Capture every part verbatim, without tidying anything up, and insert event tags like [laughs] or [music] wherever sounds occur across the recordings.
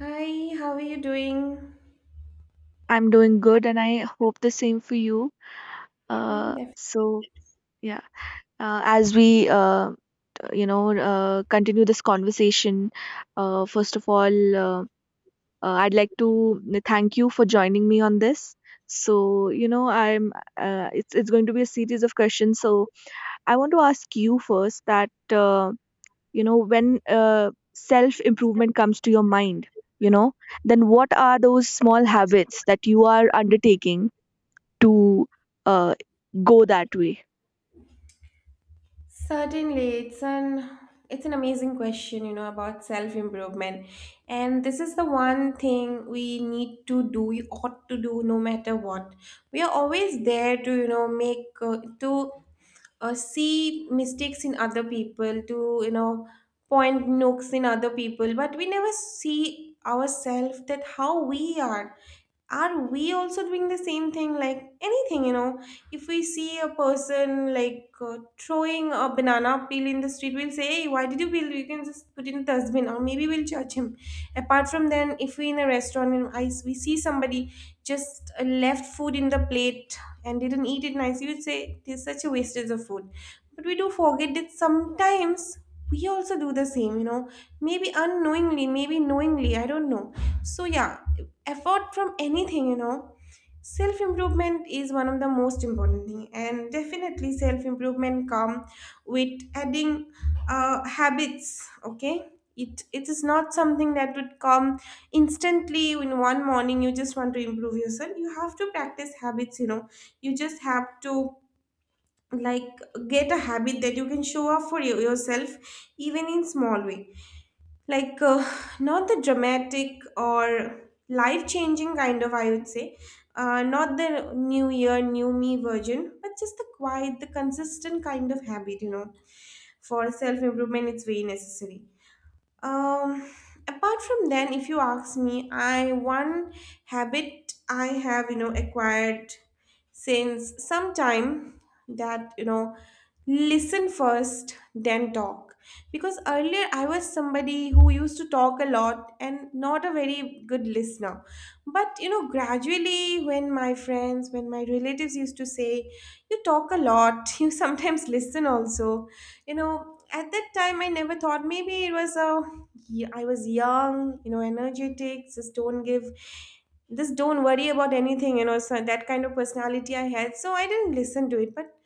Hi, how are you doing? I'm doing good, and I hope the same for you. Yeah, Uh, def- so yeah, uh, as we uh, t- you know uh, continue this conversation, uh, first of all, uh, uh, I'd like to n- thank you for joining me on this. So you know, I'm uh, it's it's going to be a series of questions. So I want to ask you first that uh, you know when uh, self improvement comes to your mind, you know, then what are those small habits that you are undertaking to uh, go that way. Certainly, it's an it's an amazing question, you know, about self-improvement. And this is the one thing we need to do, we ought to do no matter what. We are always there to, you know, make uh, to uh, see mistakes in other people, to, you know, point nooks in other people, but we never see ourselves that how we are. Are we also doing the same thing, like anything, you know? If we see a person, like, uh, throwing a banana peel in the street, we'll say, hey, why did you peel? You can just put it in the dustbin. Or maybe we'll judge him. Apart from then, if we in a restaurant and I, we see somebody just uh, left food in the plate and didn't eat it nicely, we'd say it is such a wastage of food. But we do forget that sometimes we also do the same, you know, maybe unknowingly, maybe knowingly, I don't know. So yeah, effort from anything, you know. Self improvement is one of the most important thing, and definitely self improvement come with adding uh, habits, okay. It it is not something that would come instantly in one morning. You just want to improve yourself, you have to practice habits, you know. You just have to, like, get a habit that you can show off for you, yourself, even in small way, like, uh, not the dramatic or life changing kind of, I would say, uh, not the new year new me version, but just the quiet, the consistent kind of habit, you know. For self improvement, it's very necessary. um, Apart from then, if you ask me, I one habit I have, you know, acquired since some time, that, you know, listen first then talk. Because earlier I was somebody who used to talk a lot and not a very good listener. But you know, gradually, when my friends when my relatives used to say, you talk a lot, [laughs] you sometimes listen also. You know, at that time I never thought maybe it was a yeah, I was young, you know, energetic. Just don't give, just don't worry about anything, you know, so that kind of personality I had. So I didn't listen to it. But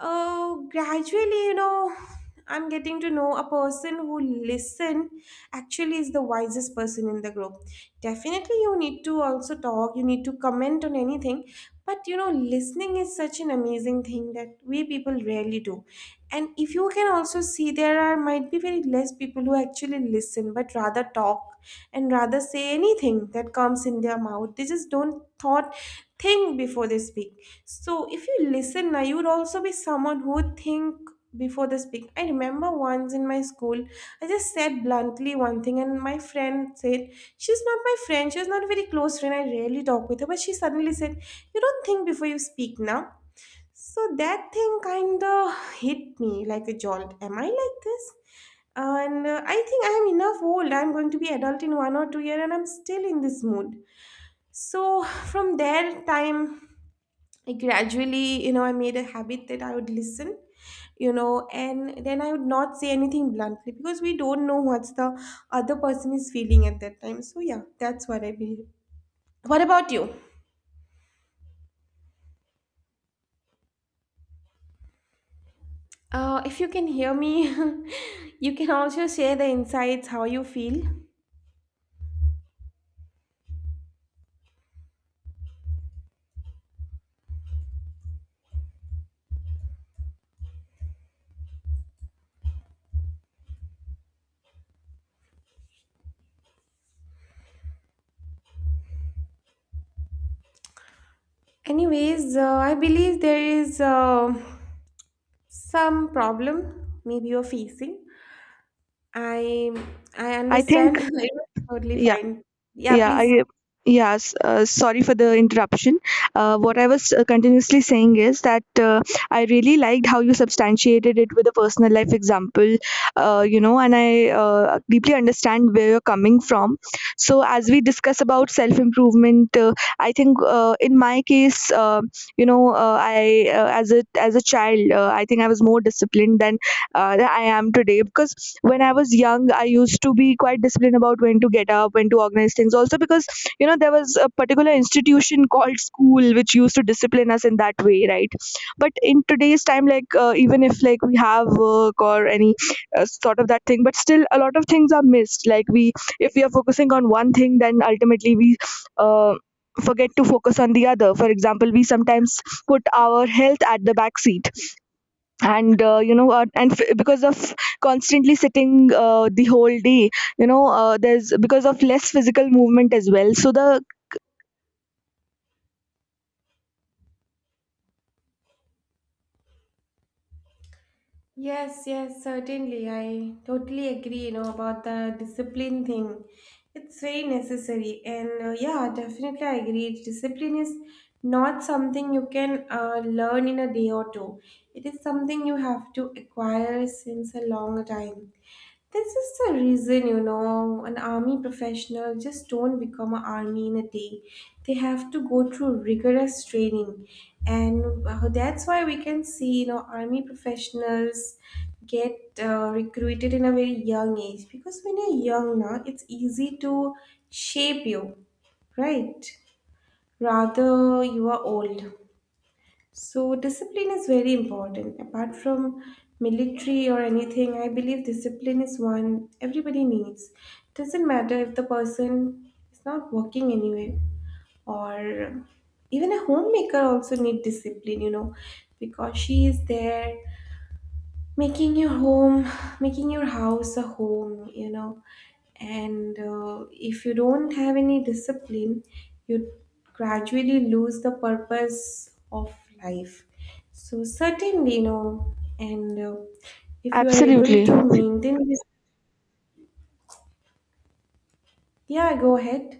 oh, gradually, you know, I'm getting to know a person who listen actually is the wisest person in the group. Definitely, you need to also talk, you need to comment on anything. But you know, listening is such an amazing thing that we people rarely do. And if you can also see, there are might be very less people who actually listen, but rather talk and rather say anything that comes in their mouth. They just don't thought think before they speak. So if you listen now, you would also be someone who would think before they speak. I remember once in my school, I just said bluntly one thing, and my friend said, she's not my friend, she was not a very close friend, I rarely talk with her, but she suddenly said, you don't think before you speak now. So that thing kind of hit me like a jolt. Am I like this? And uh, I think I am enough old. I'm going to be adult in one or two years, and I'm still in this mood. So from their time I gradually, you know, I made a habit that I would listen, you know, and then I would not say anything bluntly because we don't know what's the other person is feeling at that time. So yeah, that's what I believe. What about you? Uh, if you can hear me, [laughs] you can also share the insights how you feel. Anyways, uh, I believe there is uh, some problem maybe you're facing. I I I think, understand. [laughs] It's totally yeah, fine. Yeah, yeah, please. I, yeah. s- Uh, sorry for the interruption. Uh, what I was uh, continuously saying is that uh, I really liked how you substantiated it with a personal life example. Uh, you know, and I uh, deeply understand where you're coming from. So, as we discuss about self improvement, uh, I think uh, in my case, uh, you know, uh, I uh, as a as a child, uh, I think I was more disciplined than uh, that I am today. Because when I was young, I used to be quite disciplined about when to get up, when to organize things. Also, because you know there was a particular institution called school which used to discipline us in that way, right? But in today's time, like uh, even if like we have work or any uh, sort of that thing, but still a lot of things are missed. Like we, if we are focusing on one thing, then ultimately we. Uh, forget to focus on the other. For example, we sometimes put our health at the back seat, and uh, you know uh, and f- because of constantly sitting uh, the whole day, you know uh, there's because of less physical movement as well, so the Yes, yes, certainly. I totally agree, you know, about the discipline thing. It's very necessary. And uh, yeah, definitely I agree. Discipline is not something you can uh, learn in a day or two. It is something you have to acquire since a long time. This is the reason, you know, an army professional just don't become an army in a day. They have to go through rigorous training, and uh, that's why we can see, you know, army professionals get uh, recruited in a very young age, because when you're young now, it's easy to shape you, right? Rather, you are old. So, discipline is very important. Apart from military or anything, I believe discipline is one everybody needs. Doesn't matter if the person is not working anywhere, or even a homemaker also need discipline, you know, because she is there making your home making your house a home, you know. And uh, if you don't have any discipline, you gradually lose the purpose of life. So certainly, you know. And uh, if you are able absolutely. to maintain this, yeah, go ahead.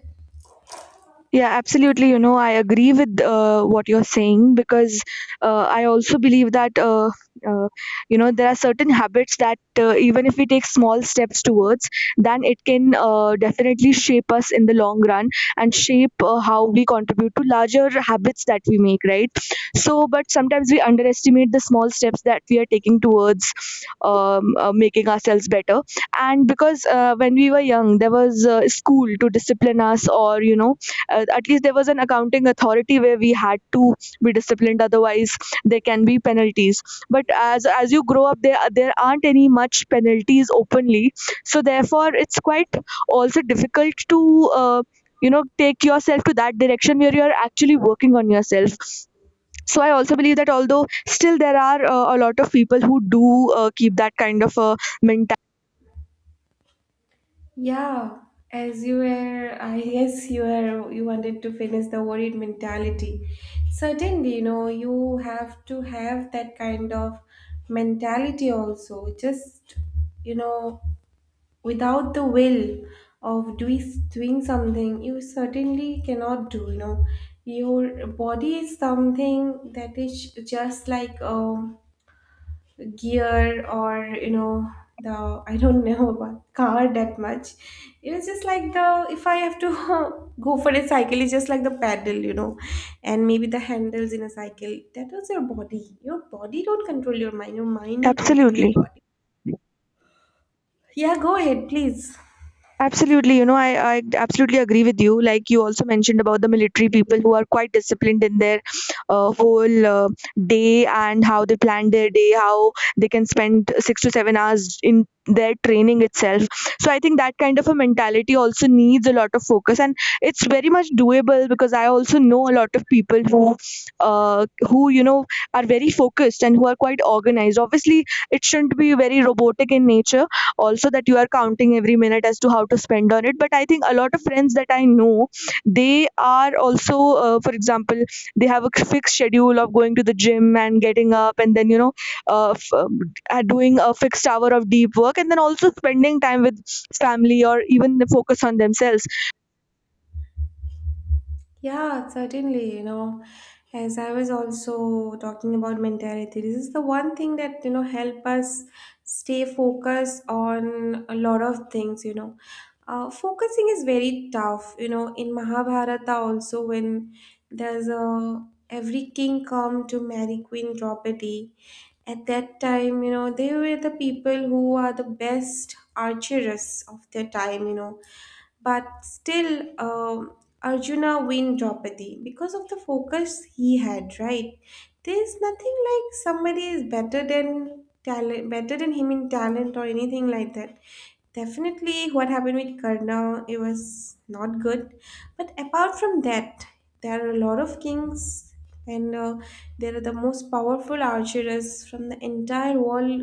Yeah, absolutely. You know, I agree with uh, what you're saying because uh, I also believe that, uh, uh, you know, there are certain habits that uh, even if we take small steps towards, then it can uh, definitely shape us in the long run and shape uh, how we contribute to larger habits that we make, right? So, but sometimes we underestimate the small steps that we are taking towards um, uh, making ourselves better. And because uh, when we were young, there was uh, school to discipline us, or, you know, uh, at least there was an accounting authority where we had to be disciplined, otherwise there can be penalties. But as as you grow up, there there aren't any much penalties openly, so therefore it's quite also difficult to uh, you know take yourself to that direction where you're actually working on yourself. So I also believe that although still there are uh, a lot of people who do uh, keep that kind of a mentality. Yeah, as you were, I guess you were, you wanted to finish the worried mentality. Certainly, you know, you have to have that kind of mentality also. Just, you know, without the will of doing doing something, you certainly cannot do. You know, your body is something that is just like um gear, or you know, the I don't know [laughs] about car that much. It was just like the if I have to [laughs] go for a cycle, it's just like the pedal, you know. And maybe the handles in a cycle, that was your body. Your body don't control your mind, your mind you control your Absolutely. body. Yeah, go ahead please. Absolutely, you know, I, I absolutely agree with you. Like you also mentioned about the military people who are quite disciplined in their uh, whole uh, day and how they plan their day, how they can spend six to seven hours in their training itself. So I think that kind of a mentality also needs a lot of focus, and it's very much doable because I also know a lot of people who, uh, who you know, are very focused and who are quite organized. Obviously, it shouldn't be very robotic in nature also, that you are counting every minute as to how to spend on it. But I think a lot of friends that I know, they are also, uh, for example, they have a fixed schedule of going to the gym and getting up, and then you know uh, f- um, uh, are doing a fixed hour of deep work, and then also spending time with family or even focus on themselves. Yeah, certainly, you know, as I was also talking about mentality, this is the one thing that, you know, help us stay focused on a lot of things, you know. Uh, focusing is very tough, you know, in Mahabharata also, when there's a every king come to marry Queen Draupadi. At that time, you know, they were the people who are the best archers of their time, you know, but still, um Arjuna win Draupadi because of the focus he had, right? There's nothing like somebody is better than talent, better than him in talent or anything like that. Definitely what happened with Karna, it was not good. But apart from that, there are a lot of kings, and uh, there are the most powerful archers from the entire world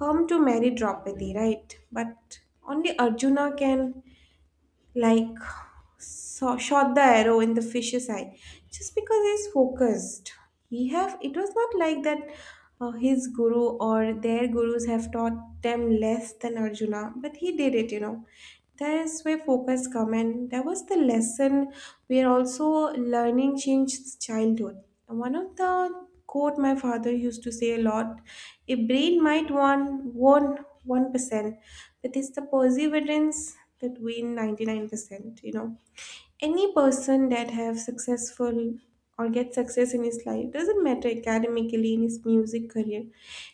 come to marry Draupadi, right? But only Arjuna can, like, saw, shot the arrow in the fish's eye, just because he's focused. He have, it was not like that. Uh, his guru or their gurus have taught them less than Arjuna, but he did it, you know. That's where focus come in. There was the lesson where also learning changed childhood. And one of the quote my father used to say a lot, a brain might want one one percent, but it's the perseverance that win ninety nine percent, you know. Any person that have successful or get success in his life, doesn't matter, academically, in his music career,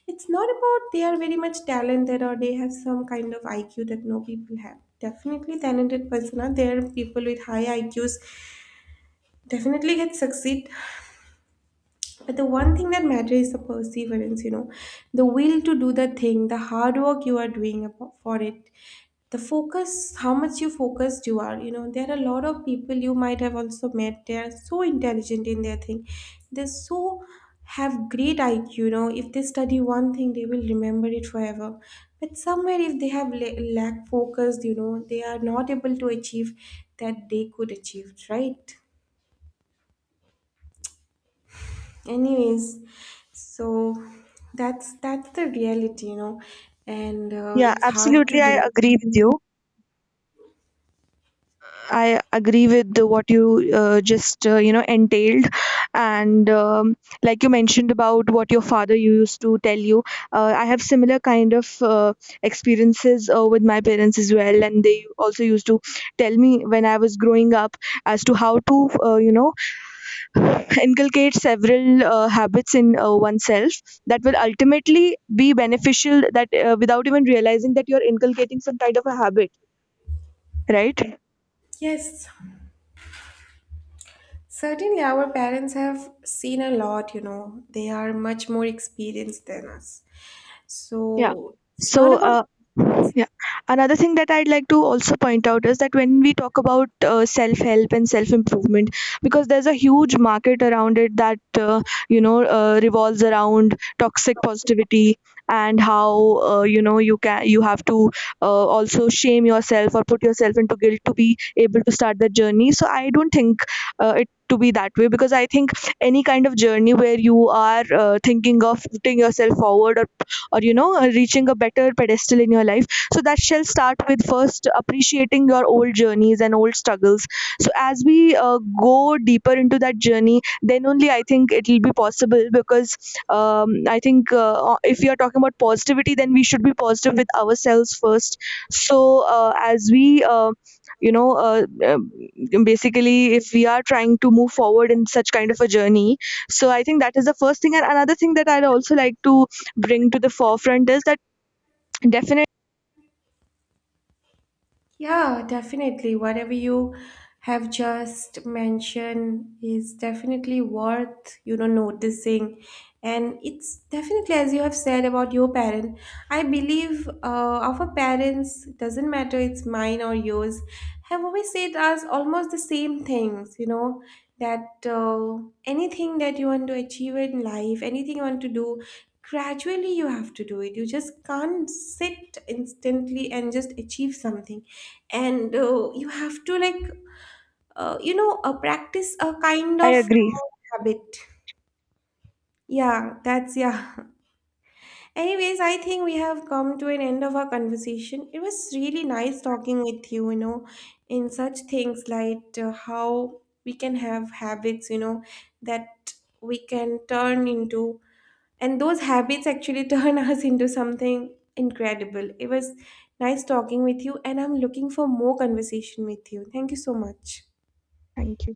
it's not about they are very much talented, or they have some kind of I Q that no people have. Definitely talented person are there, people with high I Qs definitely get succeed. But the one thing that matters is the perseverance, you know, the will to do the thing, the hard work you are doing abo- for it, the focus, how much you focused you are. You know, there are a lot of people you might have also met. They are so intelligent in their thing. They so have great I Q, you know, if they study one thing, they will remember it forever. But somewhere, if they have la- lack focus, you know, they are not able to achieve that they could achieve, right? Anyways, so that's that's the reality, you know. And uh, Yeah, it's hard to absolutely. I deny. agree with you. I agree with the, what you uh, just uh, you know entailed, and um, like you mentioned about what your father used to tell you. Uh, I have similar kind of uh, experiences uh, with my parents as well, and they also used to tell me when I was growing up as to how to uh, you know [sighs] inculcate several uh, habits in uh, oneself that will ultimately be beneficial. That uh, without even realizing that you are inculcating some kind of a habit, right? Yes, certainly, our parents have seen a lot, you know, they are much more experienced than us, so Yeah. it's not So, uh, about. yeah. Another thing that I'd like to also point out is that when we talk about uh, self help and self improvement, because there's a huge market around it that, uh, you know, uh, revolves around toxic positivity and how, uh, you know, you can, you have to uh, also shame yourself or put yourself into guilt to be able to start the journey. So, I don't think uh, it to be that way, because I think any kind of journey where you are uh, thinking of putting yourself forward, or or you know uh, reaching a better pedestal in your life, so that shall start with first appreciating your old journeys and old struggles. So as we uh, go deeper into that journey, then only I think it will be possible. Because um, I think uh, if you are talking about positivity, then we should be positive with ourselves first. So uh, as we uh, you know uh, um, basically if we are trying to move forward in such kind of a journey, so I think that is the first thing. And another thing that I'd also like to bring to the forefront is that definitely Yeah, definitely. Whatever you have just mentioned is definitely worth, you know, noticing. And it's definitely, as you have said about your parent, I believe uh, our parents, doesn't matter it's mine or yours, have always said us almost the same things, you know, that uh, anything that you want to achieve in life, anything you want to do, gradually you have to do it. You just can't sit instantly and just achieve something. And uh, you have to, like, uh, you know, uh, practice a kind I of agree. habit. Yeah, that's, yeah. [laughs] Anyways, I think we have come to an end of our conversation. It was really nice talking with you, you know, in such things, like, uh, how we can have habits, you know, that we can turn into, and those habits actually [laughs] turn us into something incredible. It was nice talking with you, and I'm looking for more conversation with you. Thank you so much. Thank you.